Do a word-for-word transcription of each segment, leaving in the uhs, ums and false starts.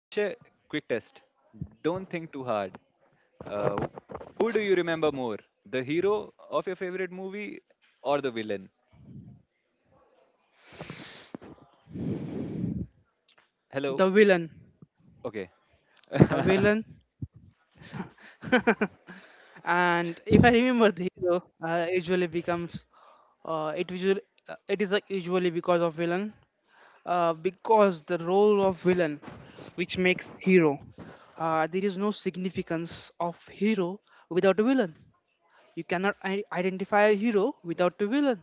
Akshay, quick test. Don't think too hard. Uh, who do you remember more, the hero of your favorite movie or the villain? Hello. The villain. Okay. The villain. And if I remember, the hero uh, usually becomes uh, it usually uh, it is like usually because of villain, uh, because the role of villain which makes hero, uh, there is no significance of hero without a villain. You cannot i- identify a hero without a villain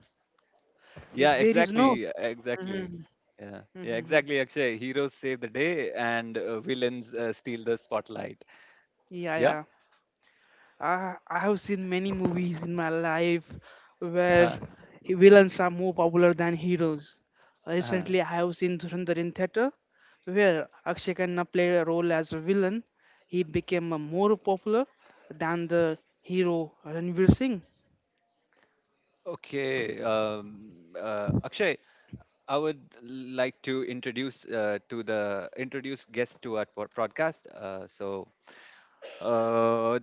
if Yeah, there is no exactly. Exactly. Mhm, Yeah. Yeah, mhm, mhm. exactly, Akshay. Heroes save the day, and uh, villains uh, steal the spotlight. Yeah, Yeah? yeah. I, I have seen many movies in my life where Uh-huh. villains are more popular than heroes. Uh-huh. Recently, I have seen Dhurandhar in theater, where Akshay Khanna played a role as a villain. He became uh, more popular than the hero Ranveer Singh. Okay. Um, uh, Akshay, I would like to introduce uh, to the introduce guest to our pod- podcast. Uh, so Uh,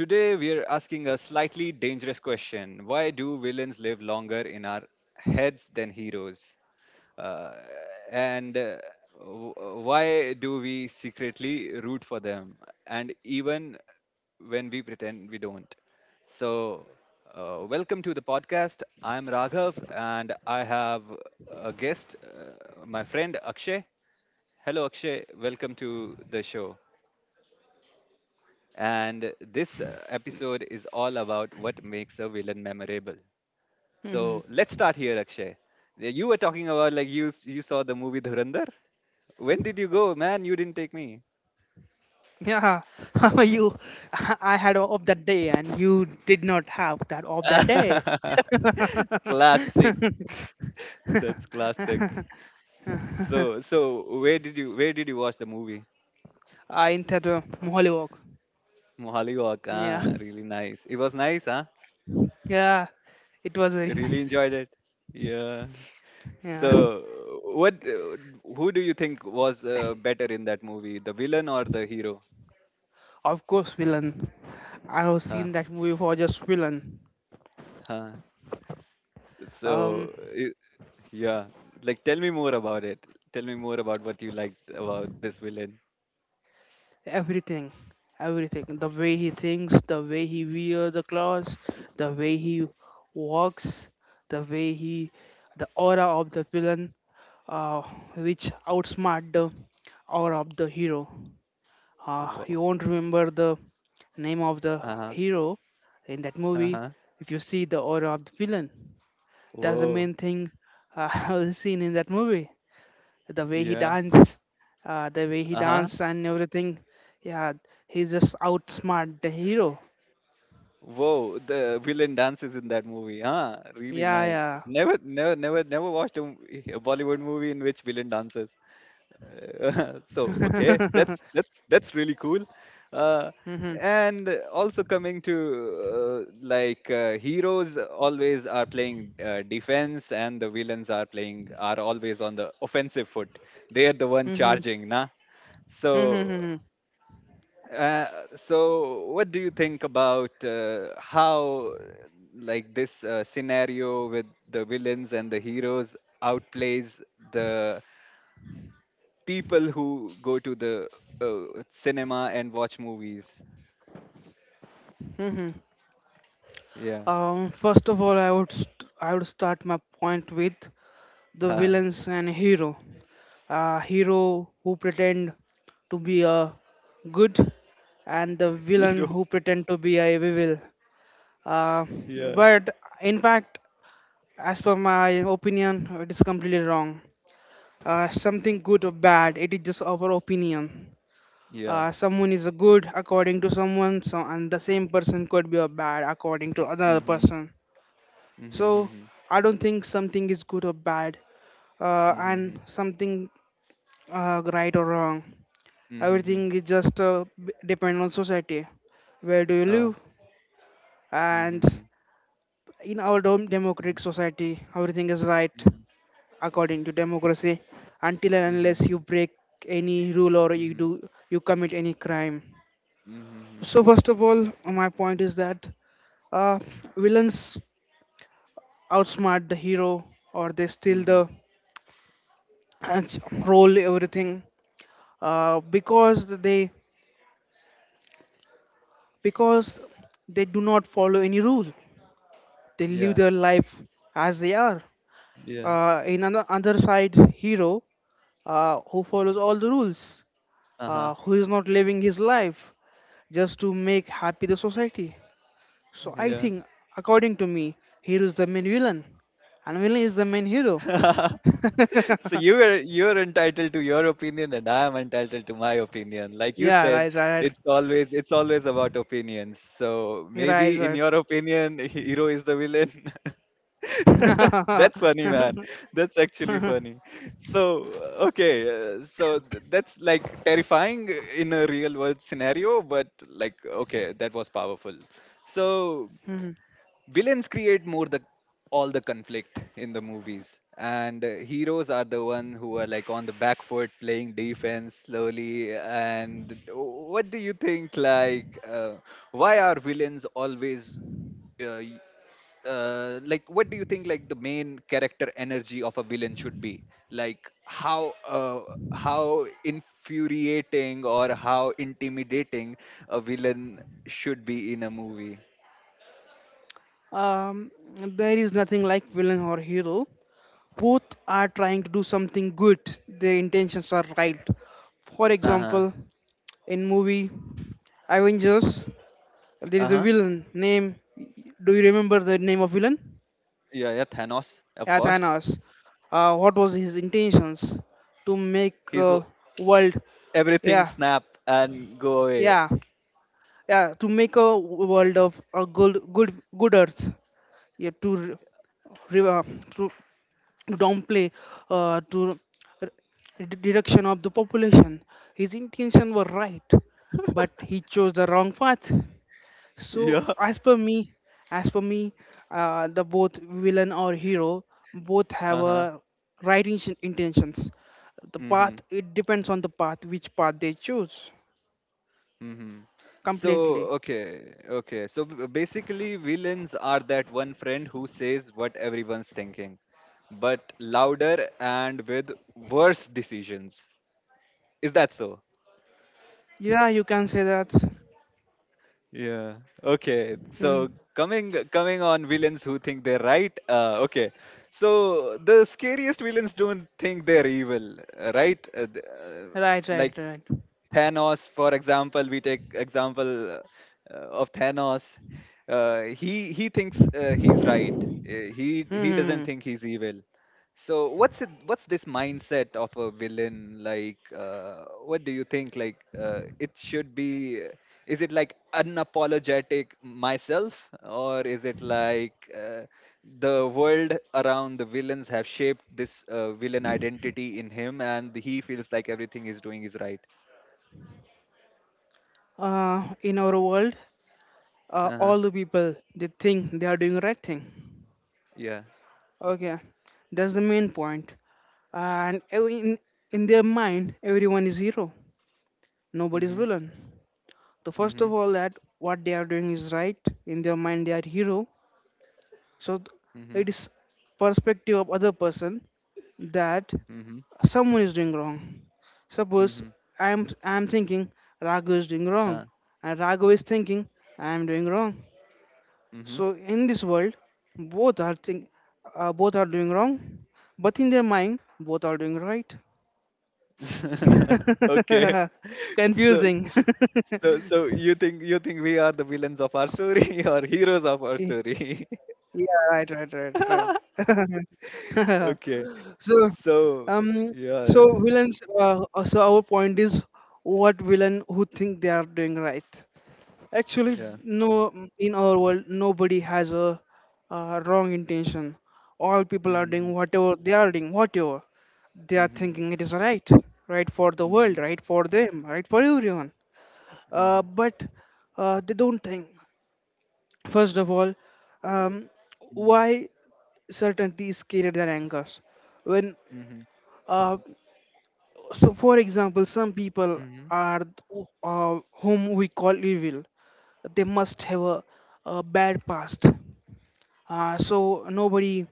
today we are asking a slightly dangerous question. Why do villains live longer in our heads than heroes? Uh, and uh, w- why do we secretly root for them? And even when we pretend we don't. So, uh, welcome to the podcast. I'm Raghav, and I have a guest, uh, my friend Akshay. Hello, Akshay. Welcome to the show. And this uh, episode is all about what makes a villain memorable. Hmm. So let's start here, Akshay. Uh, You were talking about, like, you s- you saw the movie Dhurandhar. When did you go, man? You didn't take me. Yeah, how are you? I had a off that day, and you did not have that off that day. Classic. That's classic. So so where did you where did you watch the movie? I in theater, Mohali Walk. Mohali Walk. Yeah, Ah, really nice. It was nice, huh? yeah, it was very Really nice. enjoyed it. Yeah. Yeah, So what? Uh, Who do you think was uh, better in that movie, the villain or the hero? of course, villain. I have Huh, seen that movie for just villain. huh. So, Um, I yeah, like, tell me more about it. Tell me more about what you liked about this villain. Everything, everything. The way he thinks, the way he wear the clothes, the way he walks, the way he, the aura of the villain, uh, which outsmart the aura of the hero. Uh, Wow. you won't remember the name of the Uh-huh. hero in that movie Uh-huh. if you see the aura of the villain. That's the Whoa. main thing uh, I was seen in that movie. The way he Yeah. danced, uh, the way he Uh-huh. danced and everything. Yeah, he's just outsmart the hero. Whoa. The villain dances in that movie. Huh. Really Yeah, nice. yeah. Never, never, never, never watched a, m- a Bollywood movie in which villain dances. Uh, so, okay, that's that's that's really cool, uh, Mhm, and also coming to, uh, like, uh, heroes always are playing uh, defense, and the villains are playing are always on the offensive foot, they are the one mhm, charging, nah? mhm, so mhm, uh, so what do you think about uh, how, like, this uh, scenario with the villains and the heroes outplays the people who go to the uh, cinema and watch movies? mhm. Yeah. Um, first of all, I would st- I would start my point with the Haha. villains and hero. Uh, hero who pretend to be a good, and the villain Hero. who pretend to be a evil. Uh, Yeah. but in fact, as per my opinion, it is completely wrong. Uh, something good or bad, it is just our opinion. Yeah. Uh, someone is a good according to someone, so and the same person could be a bad according to another Mhm. person. Mhm. So Mhm. I don't think something is good or bad, uh, and Mhm. something uh, right or wrong. Mhm. Everything Mhm. is just uh, b- depend on society. Where do you Uh, live? And mhm. in our dom- Mhm. democratic society, everything is right Mhm. according to democracy until and unless you Mhm. break any rule or you Mhm. do you commit any crime. Mhm. Mhm. So first of all my point is that, uh, villains outsmart the hero or they steal Mhm. the and roll everything uh, because they because they do not follow any rule, they live Yeah. their life as they are. Yeah. Uh, in another other side hero uh, who follows all the rules, Uh huh. uh, who is not living his life just to make happy the society. So I Yeah. think, according to me, hero is the main villain, and villain is the main hero. So, you're you're entitled to your opinion, and I am entitled to my opinion. Like you Yeah, said, right, right, it's always it's always about opinions. So right, right, maybe in right. your opinion, hero is the villain. That's funny, man. That's actually funny. So, okay, uh, so th- that's like terrifying in a real world scenario, but, like, okay, that was powerful. So, villains create more the all the conflict in the movies, and uh, heroes are the one who are, like, on the back foot playing defense slowly. And what do you think, like, uh, why are villains always, uh, y- uh, like, what do you think, like, the main character energy of a villain should be, like, how, uh, how infuriating or how intimidating a villain should be in a movie? um, there is nothing like villain or hero. Both are trying to do something good. Their intentions are right. For Uh-huh. example, in movie Avengers, there is a Uh-huh. villain name. Do you remember the name of villain? Yeah, yeah, Thanos, of course. Athens, uh, what was his intentions to make He's a w- world, Everything yeah, snap and go away. yeah, yeah, to make a world of a good, good, good earth, yeah, to re- re- uh, to to downplay uh, to r- d- direction of the population. His intention were right, but he chose the wrong path. So, Yeah. as per me, as per me, uh, the both villain or hero both have Uh huh. a right in- intentions. The path Mhm. it depends on the path which path they choose Mhm. So, completely. okay, okay. So, b- basically, villains are that one friend who says what everyone's thinking, but louder and with worse decisions. Is that so? Yeah, you can say that. Yeah. Okay. So, Hmm. coming, coming on villains who think they're right. Uh, okay. So the scariest villains don't think they're evil, uh, right? Uh, th- uh, Right, Like, right, right. Hmm, Thanos, for example, we take example uh, of Thanos. Uh, he he thinks uh, he's right. Uh, he hmm, he doesn't hmm. think he's evil. So what's it, what's this mindset of a villain like? Uh, what do you think? Like, uh, it should be. Is it like unapologetic myself, or is it like, uh, the world around the villains have shaped this uh, villain identity in him, and he feels like everything he's doing is right? Uh, in our world, uh, Uh huh. all the people they think they are doing right thing. Yeah. Okay, that's the main point. And ev- in in their mind, everyone is hero. Nobody's Mhm. villain. So first Mhm. of all, that what they are doing is right in their mind. They are hero. So th- Mhm. it is perspective of other person that Mhm. someone is doing wrong. Suppose Mhm. I am I am thinking Raghu is doing Uh, wrong, and Raghu is thinking I am doing wrong. mhm. So in this world, both are think uh, both are doing wrong, but in their mind, both are doing right. Okay. So, Confusing. so, so you think you think we are the villains of our story or heroes of our Yeah, story? right, right, right, right. Okay. so So, um yeah, so villains uh, uh, so our point is what villain who think they are doing right actually yeah. no Hmm. mm, in our world nobody has a uh, wrong intention, all people are doing Mhm. whatever they are doing whatever they are Mhm. thinking it is right, right for the world, Mhm. right for them, right for everyone. Uh, Mhm. but uh, they don't think first of all um, why certainty is scarier than anger when Mhm. uh, So, for example, some people Mhm. are th- uh, whom we call evil. They must have a, a bad past. Uh, so nobody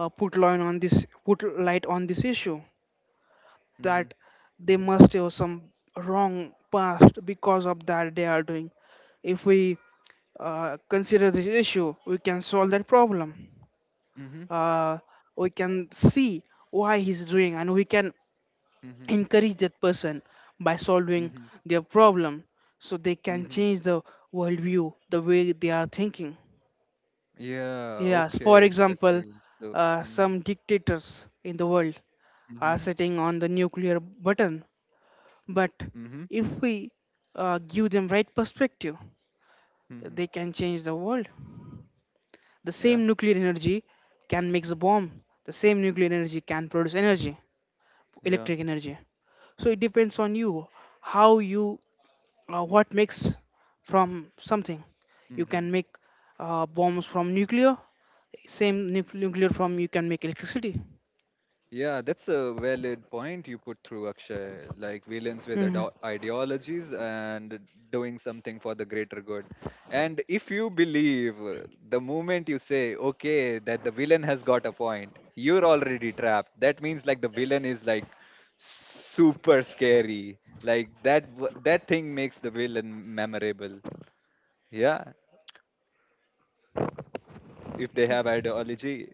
uh, put light on this put light on this issue Mhm. Mhm. that they must have some wrong past because of that they are doing. If we uh, consider this issue, we can solve that problem. Mhm. Uh, we can see why he's doing, and we can Mhm. encourage that person by solving Mhm. their problem so they can Mhm. change the worldview the way they are thinking. Yeah, Yes, for okay, example, exactly. So, uh, mhm. some dictators in the world are Mhm. sitting on the nuclear button, but Mhm. if we uh, give them right perspective, Mhm. they can change the world. The Yeah, same nuclear energy can make a bomb, the same nuclear energy can produce energy, yeah. electric energy. So it depends on you, how you, uh, what makes from something you can Mhm. make uh, bombs from nuclear, same nuc- nuclear from you can make electricity. Yeah, that's a valid point you put through, Akshay. Like villains with Mm-hmm. ide- ideologies and doing something for the greater good. And if you believe, uh, the moment you say, okay, that the villain has got a point, you're already trapped. That means, like, the villain is, like, super scary. Like, that w- that thing makes the villain memorable. Yeah, if they have ideology.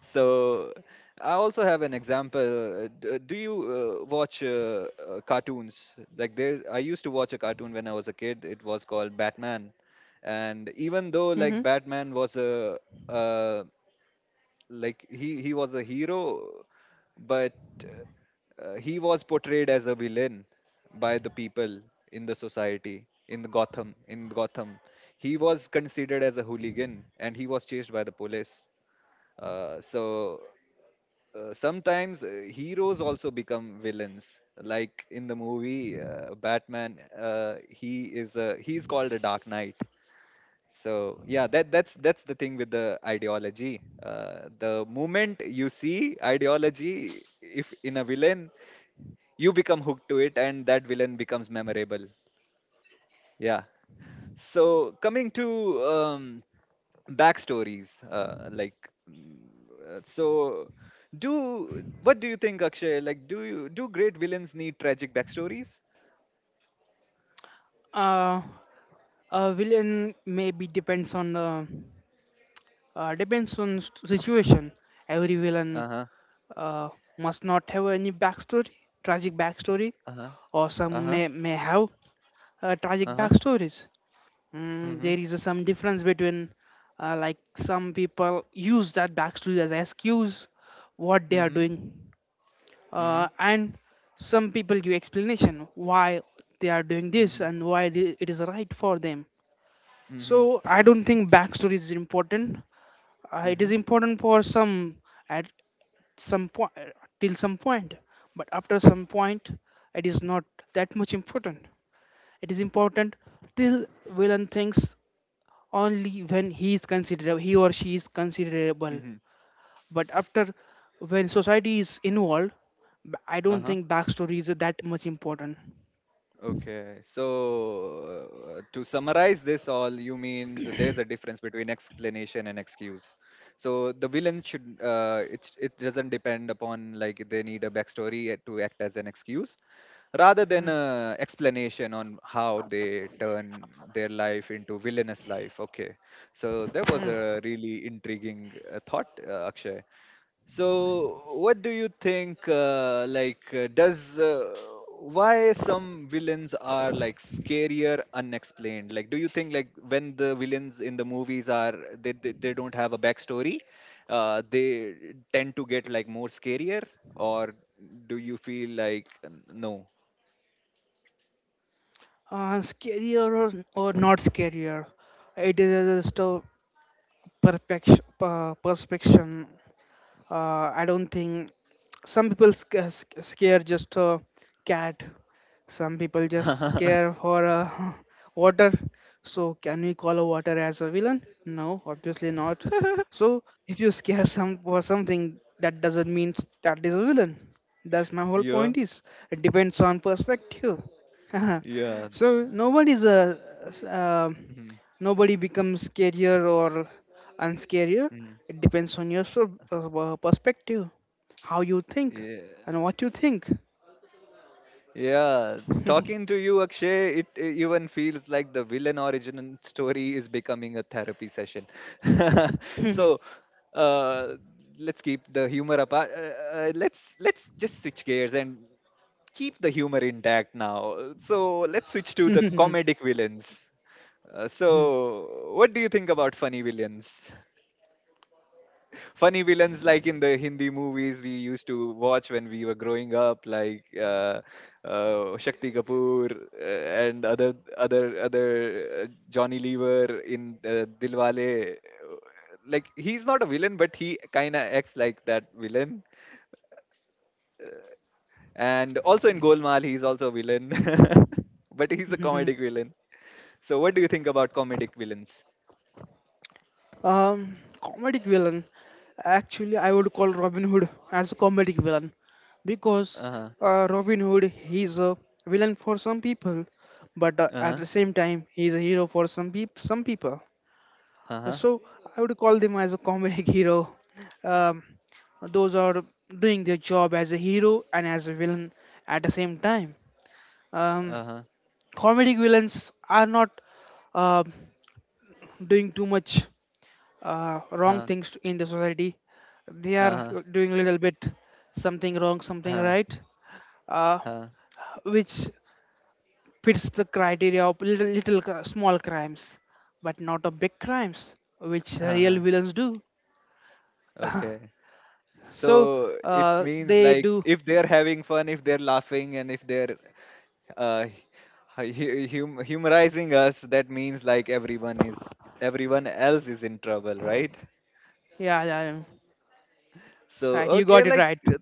So I also have an example. Uh, d- uh, Do you uh, watch, uh, uh, cartoons? Like, there, I used to watch a cartoon when I was a kid. It was called Batman, and even though, Mm-hmm. like, Batman was a, uh, like, he he was a hero, but uh, he was portrayed as a villain by the people in the society in Gotham. In Gotham, he was considered as a hooligan, and he was chased by the police, uh, so, uh, sometimes uh, heroes also become villains. Like in the movie uh, Batman, uh, he is a he's called a Dark Knight. So yeah, that that's that's the thing with the ideology. Uh, the moment you see ideology, if in a villain, you become hooked to it, and that villain becomes memorable. Yeah. So coming to, um, backstories, uh, like, mm, uh, so, do what do you think, Akshay? Like, do you do great villains need tragic backstories? Uh, a villain maybe depends on the uh, depends on st- situation. Every villain Uh huh. uh, must not have any backstory, tragic backstory, Uh huh. or some Uh huh. may, may have uh, tragic Uh huh. backstories. Mm, Mhm. there is some difference between, uh, like some people use that backstory as excuse what they are Mhm. doing, uh, Mhm. and some people give explanation why they are doing this Mhm. and why the- it is right for them. So Mhm. I don't think backstory is important. Uh, it Mhm. is important for some at some point, till some point, but after some point it is not that much important. It is important till villain thinks, only when he is considerable, he or she is considerable, Mhm. but after when society is involved, b- I Uh don't huh. think backstory is that much important. Okay, so, uh, to summarize this all, you mean that there's a difference between explanation and excuse. So the villain should uh, it it doesn't depend upon, like, they need a backstory uh, to act as an excuse, rather than a explanation on how they turn their life into villainous life. Okay, so that was Mm. a really intriguing uh, thought, uh, Akshay. So, what do you think? Uh, like, uh, does uh, why some villains are, like, scarier unexplained? Like, do you think, like, when the villains in the movies are they they, they don't have a backstory, uh, they tend to get, like, more scarier, or do you feel, like, n- no? Uh, scarier or, or not scarier, it is just a perfection, uh, perspection. Uh, I don't think some people sca- sc- scare just a cat, some people just scare for a water. So can we call a water as a villain? No, obviously not. So if you scare some for something, that doesn't mean that is a villain. That's my whole Yeah, point, is it depends on perspective. yeah. So nobody's a s- um Mhm, nobody becomes scarier or unscarier. mhm. It depends on your sur- uh, uh, perspective, how you think, Yeah, and what you think. yeah, um, talking to you, Akshay, it, it even feels like the villain origin story is becoming a therapy session. So, uh, let's keep the humor apart. Uh, uh, let's let's just switch gears and keep the humor intact now. So let's switch to the comedic villains. Uh, so, what do you think about funny villains? Funny villains like in the Hindi movies we used to watch when we were growing up, like, uh, uh, Shakti Kapoor, uh, and other other other uh, Johnny Lever in uh, Dilwale. Like, he's not a villain, but he kind of acts like that villain. And also in Golmaal, he's also a villain, but he's a comedic villain. So what do you think about comedic villains? Comedic villain. Actually, I would call Robin Hood as a comedic villain because, Uh huh. uh, Robin Hood, he's a villain for some people, but uh, Uh at huh. the same time he's a hero for some peop some people. Uh Uh, huh. So I would call them as a comedic hero. Um, those are doing their job as a hero and as a villain at the same time. Um, Uh huh. comedic villains are not uh, doing too much uh, wrong things to- in the society. They are Uh huh. l- doing a little bit something wrong, something Uh right, uh, huh. which fits the criteria of little, little cr- small crimes, but not of big crimes, which Uh real huh. villains do. Okay. So So it uh, means, they like, do. if they're having fun, if they're laughing, and if they're uh, hu- hu- hum humorizing us, that means, like, everyone is everyone else is in trouble, right? Yeah, yeah, yeah. Right. So, You okay, got it like, right. uh,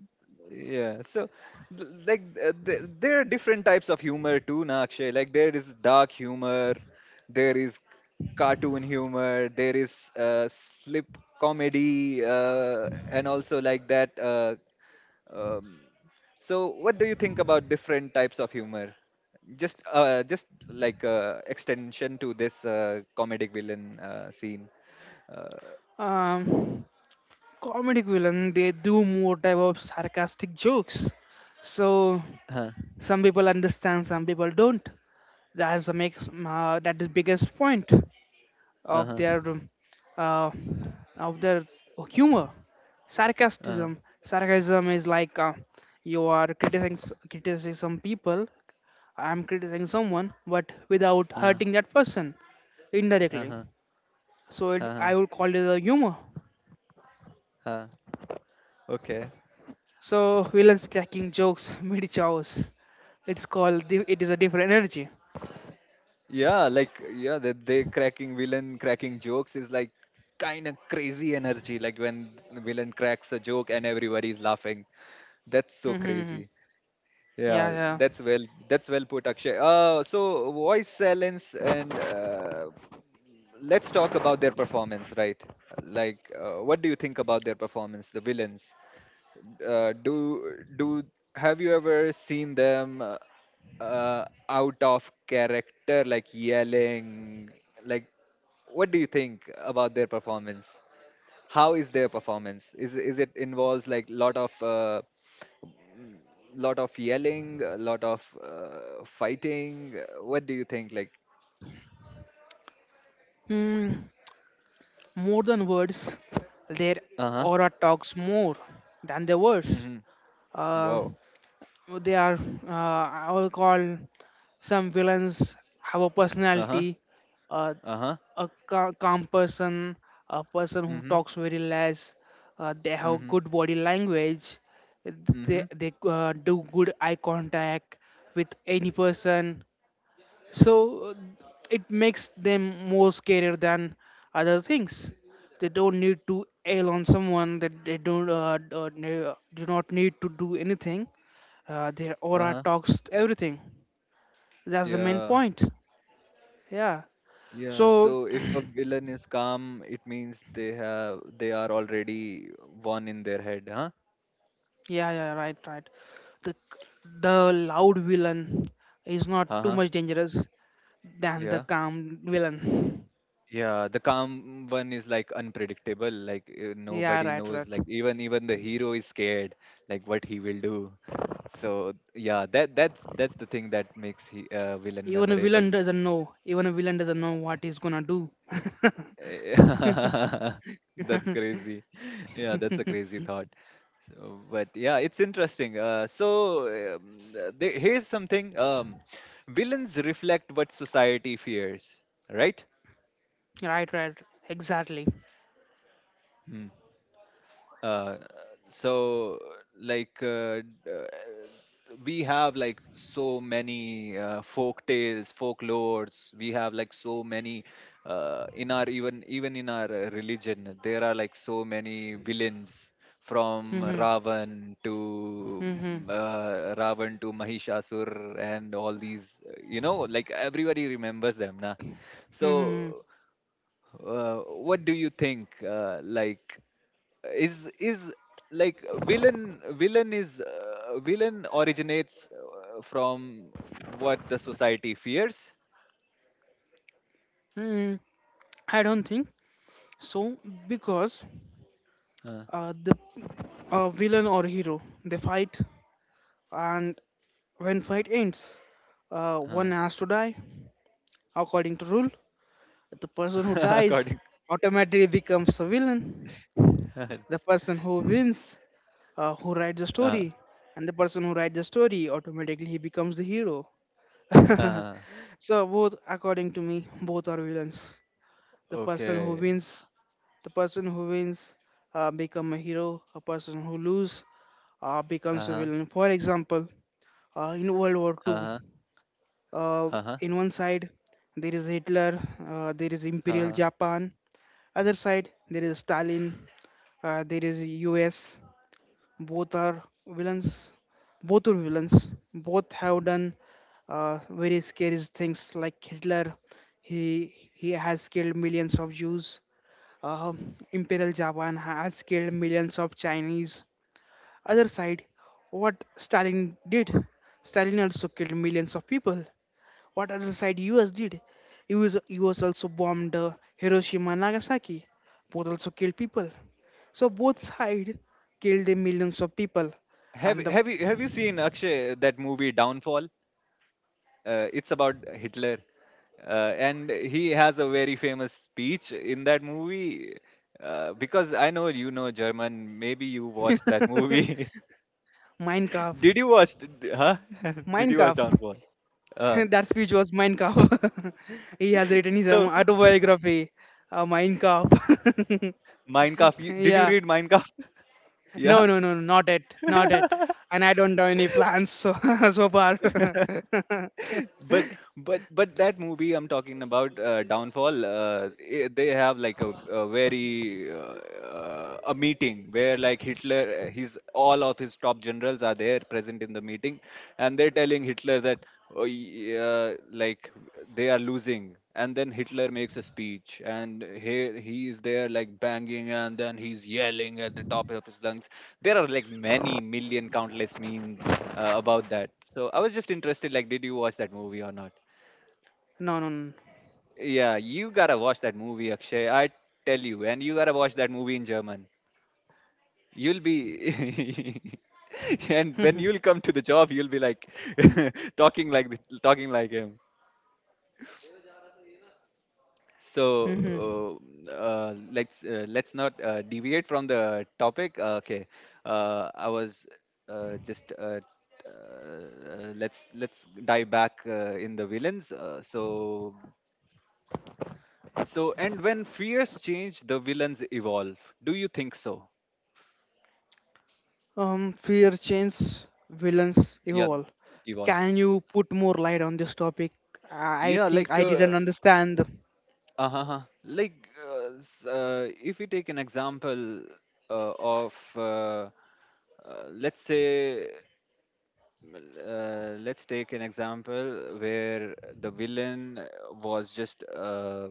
yeah. So, th- like, uh, th- there are different types of humor too, na Akshay. Like, there is dark humor, there is cartoon humor, there is uh, slip comedy, uh, and also like that. Uh, Um, so, what do you think about different types of humor? Just, uh, just like, uh, extension to this uh, comedic villain uh, scene. Uh, Um, comedic villain. They do more type of sarcastic jokes. So huh, some people understand, some people don't. That's the makes uh, that is biggest point of uh-huh, their um, uh, of their humor. uh-huh, Sarcasm, sarcasm is like uh, you are criticizing criticizing some people, I'm criticizing someone but without uh-huh, hurting that person, indirectly. uh-huh, So huh. it, Uh I will call it a humor. huh. Okay. So villains cracking jokes mid chows, it's called di- it is a different energy. Yeah, like, yeah, the they cracking villain cracking jokes is, like, kind of crazy energy. Like when the villain cracks a joke and everybody's laughing. That's so Mm-hmm, mm-hmm. crazy. Yeah, Yeah, yeah. that's well that's well put, Akshay. Uh, so, voice silence, and uh, let's talk about their performance, right? Like, uh, what do you think about their performance, the villains? Uh, do do Have you ever seen them, uh, uh, out of character, like, yelling? Like, what do you think about their performance? How is their performance? Is is it involves, like, lot of, uh, lot of yelling, a lot of uh, fighting. Uh, What do you think? Like, Hmm. More than words, their uh huh. aura talks more than their words. Mm-hmm. Uh, Wow. they are, uh, I will call some villains have a Uh huh. personality, uh, Uh huh. a ca- calm person, a person who Mm-hmm. talks very less. Uh, they have Mm-hmm. good body language. They Mm-hmm. they Uh, do good eye contact with any person, so uh, it makes them more scarier than other things. They don't need to ail on someone, that they don't uh, d- uh, ne- uh, do not need to do anything, uh, their Uh aura huh. talks everything. That's the main Yeah. point. Yeah. Yeah. So So if a villain is calm, it means they have they are already one in their head, huh? yeah, yeah, right, right, the the loud villain is not Uh too huh. much dangerous than the Yeah. calm villain. Yeah. The calm one is, like, unpredictable. Like, uh, Yeah, nobody right, knows. right. Like, even even the hero is scared. Like what he will do. So yeah, that that's that's the thing that makes he uh, villain Even a memorable. villain doesn't know. Even a villain doesn't know what he's gonna do. Eh, That's crazy. Yeah, that's a crazy thought. So, but yeah, it's interesting. Uh, so um, uh, the- here's something. Um, villains reflect what society fears, right? Right, right, exactly. Hmm. uh, so like uh, d- uh, we have like so many uh, folk tales folklores we have like so many uh, in our even even in our uh, religion there are like so many villains from Mm-hmm. ravan to Mm-hmm. mm, uh, ravan to mahishasur and all these uh, you know like everybody remembers them na. So Mm-hmm. uh, what do you think? Uh, like, is is like villain villain is uh, villain originates uh, from what the society fears. Mm-hmm. I don't think so because Uh, uh, the uh, villain or hero they fight, and when fight ends, uh, uh, one has to die. According to rule, the person who dies According. automatically becomes a villain. The person who wins, uh, who writes the uh, story, and the person who writes the story automatically he becomes the hero. uh, So both according to me both are villains. the person who okay. wins the person who wins uh, become a hero, a person who lose uh, Uh becomes a huh. villain. For example, uh, in World War Uh II, huh. uh, Uh huh. in one side there is Hitler, uh, there is Uh Imperial huh. Japan. Other side there is Stalin, uh, there is US. Both are villains, both are villains. Both have done uh, very scary things. Like Hitler, he he has killed millions of Jews. uh, Imperial Japan has killed millions of Chinese. Other side, what Stalin did? Stalin also killed millions of people. What other side U S did? US, U S also bombed uh, Hiroshima and Nagasaki. Both also killed people. So both side killed uh, millions of people. Have And the have you have you seen Akshay that movie Downfall? uh, it's about Hitler, uh, and he has a very famous speech in that movie. Uh, because I know you know German, maybe you watched that movie. Mein Kampf, Did you watch? d- Huh? Did Mein you watch Kampf. Downfall? Uh, That speech was Mein Kampf. He has written his um, so autobiography, uh, Mein Kampf. Mein Kampf. You, did you Yeah, read Mein Kampf? Yeah. no, no, no, no, not it, not it. And I don't have any plans so so far. but but but that movie I'm talking about, uh, Downfall, uh, I they have like a, a very uh, uh, a meeting where like Hitler, uh, his all of his top generals are there present in the meeting, and they're telling Hitler that, oh, yeah, like they are losing, and then Hitler makes a speech and he he is there like banging and then he's yelling at the top of his lungs. There are like many million countless memes uh, about that, so I was just interested, like, did you watch that movie or not? No, no, no. Yeah, you gotta watch that movie, Akshay, I tell you, and you gotta watch that movie in German. You'll be and when you'll come to the job you'll be like talking like th- talking like him. So uh, uh, let's uh, let's not uh, deviate from the topic. Uh, okay, uh, I was uh, just uh, t- uh, let's let's dive back uh, in the villains. Uh, so so and when fears change, the villains evolve. Do you think so? Um, fear changes, villains Yeah, evolve. evolve. Can you put more light on this topic? I I Yeah, think like I uh, didn't understand. uh like uh, s- uh, if we take an example uh, of uh, uh, let's say. Well, uh, let's take an example where the villain was just uh,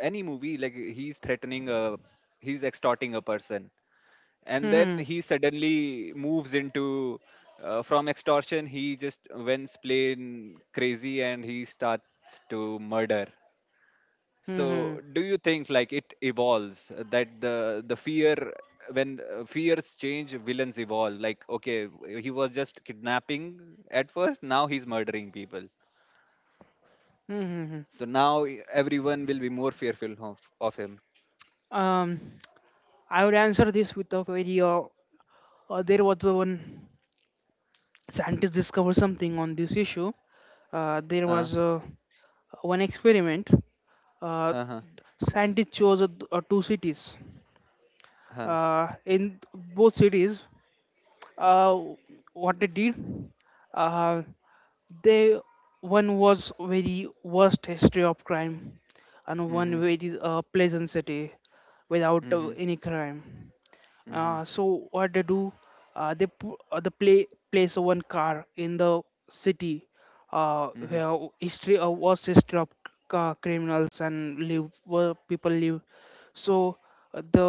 any movie, like he's threatening a, he's extorting a person, and then Hmm, he suddenly moves into, uh, from extortion, he just went plain crazy and he starts to murder. hmm, hmm, So, do you think like it evolves, uh, that the the fear, when, uh, fears change, villains evolve? Like, okay, w- he was just kidnapping at first, now he's murdering people. hmm, hmm, hmm. So now, e- everyone will be more fearful of, of him. Um, I would answer this with a very. Uh, uh, there was a one scientist discovered something on this issue. Uh, there Uh, was uh, one experiment. Uh, huh, huh, scientists chose uh, two cities. huh. Uh, in both cities, uh, what they did, uh, they, one was very worst history of crime, and Mm-hmm, one very uh, pleasant city without uh, mm-hmm, any crime. mm-hmm, uh, So what they do? Uh, they pu- uh, they play place one car in the city uh, mm-hmm, where history of was history of uh, criminals and live where people live. So uh, the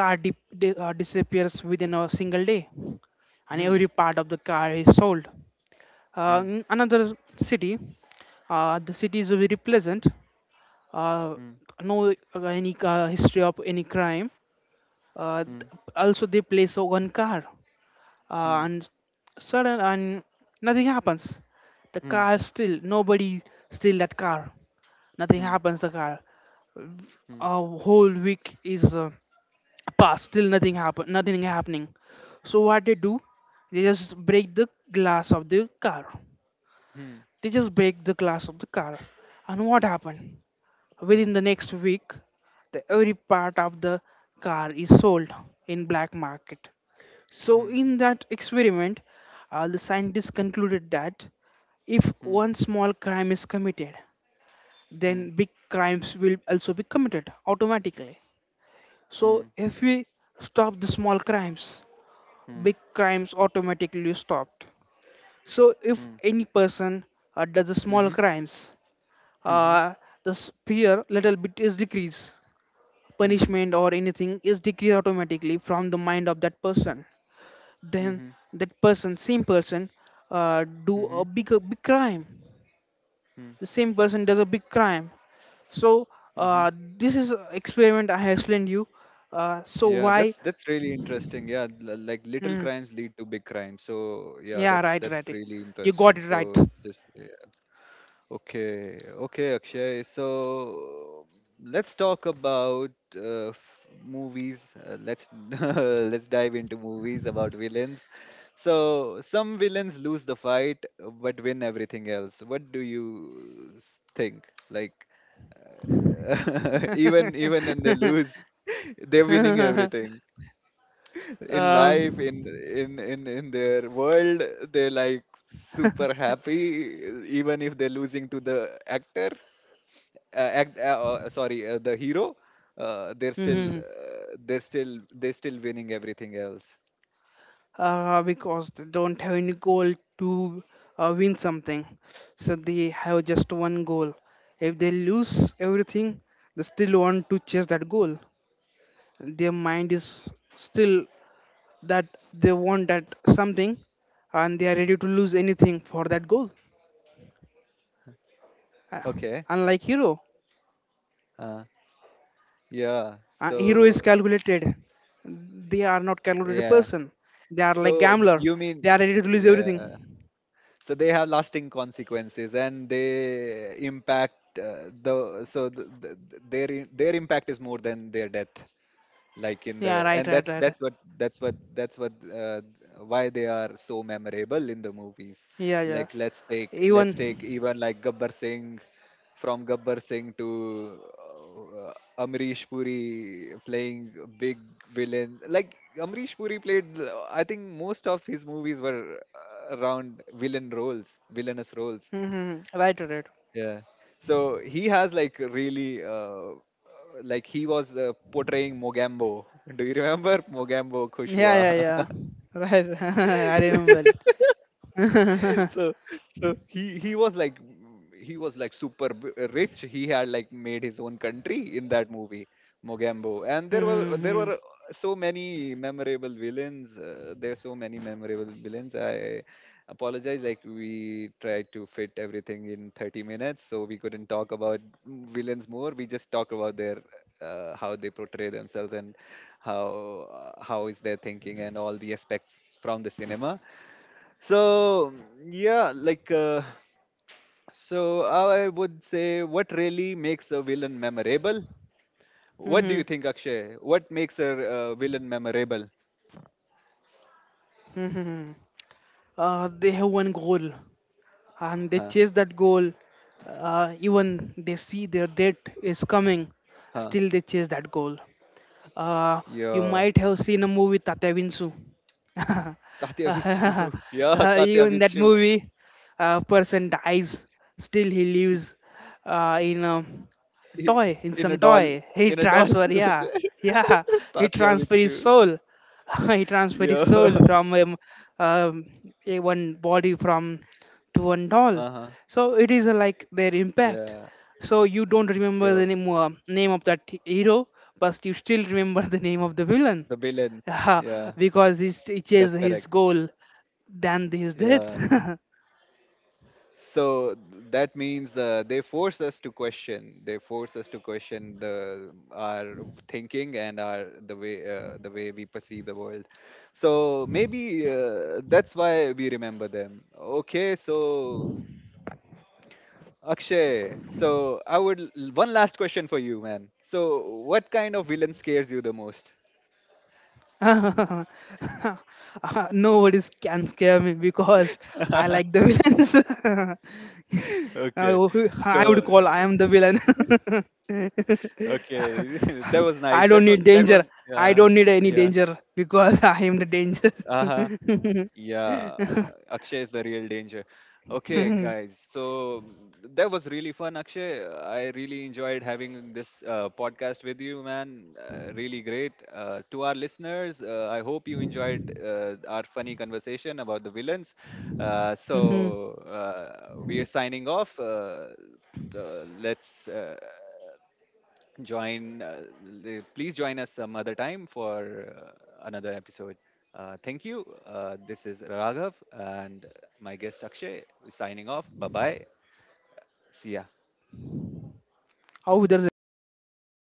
car dip, di- uh, disappears within a single day, and hmm, every part of the car is sold. Uh, hmm, in another city, uh, the city is very pleasant. Uh, no uh, any uh, history of any crime. Uh, hmm, also, they place uh, one car, uh, hmm, and sudden, and nothing happens. The hmm, car is still, nobody steal that car. hmm, Nothing hmm, happens. The car, a whole week is uh, passed. Still nothing happen. Nothing happening. So what they do? They just break the glass of the car. hmm, hmm, hmm, They just break the glass of the car. And what happened? Within the next week, the every part of the car is sold in black market. So in that experiment, uh, the scientists concluded that if one small crime is committed, hmm, hmm, then big crimes will also be committed automatically. hmm, hmm, So if we stop the small crimes, hmm, hmm, big crimes automatically stopped. So if hmm, any person uh, does the small hmm, crimes, hmm. uh, the fear little bit is decrease, Hmm, hmm. punishment or anything is decreased automatically from the mind of that person. Then Mm-hmm. that person, same person, uh, do Mm-hmm. a big, a big crime. The same person does a big crime. So Mm-hmm. uh, this is a experiment I have explained you. Uh, so Yeah, why? that's that's really interesting. Yeah, l- like little Mm, crimes lead to big crimes. So yeah, yeah, that's right, that's right, really you interesting. got it right. So it's just yeah. Okay, okay, Akshay. So let's talk about uh, f- movies. Uh, let's let's dive into movies about villains. So some villains lose the fight, uh, but win everything else. What do you s- think? Like even even when they lose they're winning everything in life, in in in in their world, they're like super happy, even if they're losing to the actor, uh, act uh, uh, sorry, uh, the hero. uh, they're still um, uh, they're still They're still winning everything else. uh, because they don't have any goal to uh, win something. So they have just one goal. If they lose everything, they still want to chase that goal. Their mind is still that they want that something and they are ready to lose anything for that goal. Uh, Okay. Unlike hero, Uh, yeah. uh, hero is So calculated. They are not calculated yeah, person. They are like so gambler. you They mean, are ready to lose everything. yeah, so they have lasting consequences and they impact, uh, the so th th- th- their i- their impact is more than their death, like in the, Yeah, right, and right, that's right, right. that's what that's what that's what uh, why they are so memorable in the movies. Yeah, yeah. Like let's take let's take Even. even like Gabbar Singh, from Gabbar Singh to, uh, Amrish Puri playing big villain. Like Amrish Puri played, uh, I think most of his movies were, uh, around villain roles, villainous roles. Mm-hmm. Right, right. Yeah. So he has like really, uh, like he was, uh, portraying Mogambo. Do you remember Mogambo Yeah, Kushwa? yeah, yeah. Right. I remember. So so he he was like, mm, he was like super, b- rich. He had like made his own country in that movie, Mogambo. And there were there Mm-hmm. were so many memorable villains. Uh, there are so many memorable villains. I apologize, like we tried to fit everything in thirty minutes so we couldn't talk about villains more. We just talked about their, uh, how they portray themselves, and how, uh, how is their thinking, and all the aspects from the cinema. So yeah, like, uh, so I would say, what really makes a villain memorable? What do Mm-hmm. you think, Akshay? What makes a uh, villain memorable? Mm-hmm. Uh, they have one goal, and they Huh? chase that goal. Uh, even they see their death is coming, Huh? still they chase that goal. Uh, you Yeah, might have seen a movie, Tatya Vinsu. Tatya Bichu. Uh, Yeah, you, Tatya in that Bichu. movie, a person dies, still he lives uh, in a I- toy, in In a some doll. toy. He In a doll. transfer, yeah, yeah, he Tatya transfer Bichu. his soul. He transfer his Yeah. soul from um, um, a one body from to one doll. Uh huh. So it is uh, like their impact. Yeah. So you don't remember Yeah. the name, uh, name of that hero, but you still remember the name of the villain. The villain. Yeah. Because he's, it is That's his correct. goal than his Yeah. death. So that means, uh, they force us to question. They force us to question the our thinking and our, the way, uh, the way we perceive the world. So maybe, uh, that's why we remember them. Okay, so Akshay, so I would, l- one last question for you, man. So what kind of villain scares you the most? Nobody can scare me because I like the villains. I Okay, wo- I would so call I am the villain. okay, that was nice. I don't That's what need that danger. was. I Yeah, don't need any yeah. danger because I am the danger. Uh huh. Yeah, Akshay is the real danger. Okay, Mhm, guys, so mm, that was really fun, Akshay. I really enjoyed having this uh, podcast with you, man. Uh, really great. Uh, to our listeners, uh, I hope you enjoyed, uh, our funny conversation about the villains. Uh, mhm. so uh, we are signing off. Uh, uh, let's. Uh, join, uh, the- please join us some other time for, uh, another episode. Uh, thank you. Uh, this is Raghav, and my guest Akshay, signing off. Bye bye. See ya. Oh, there's a.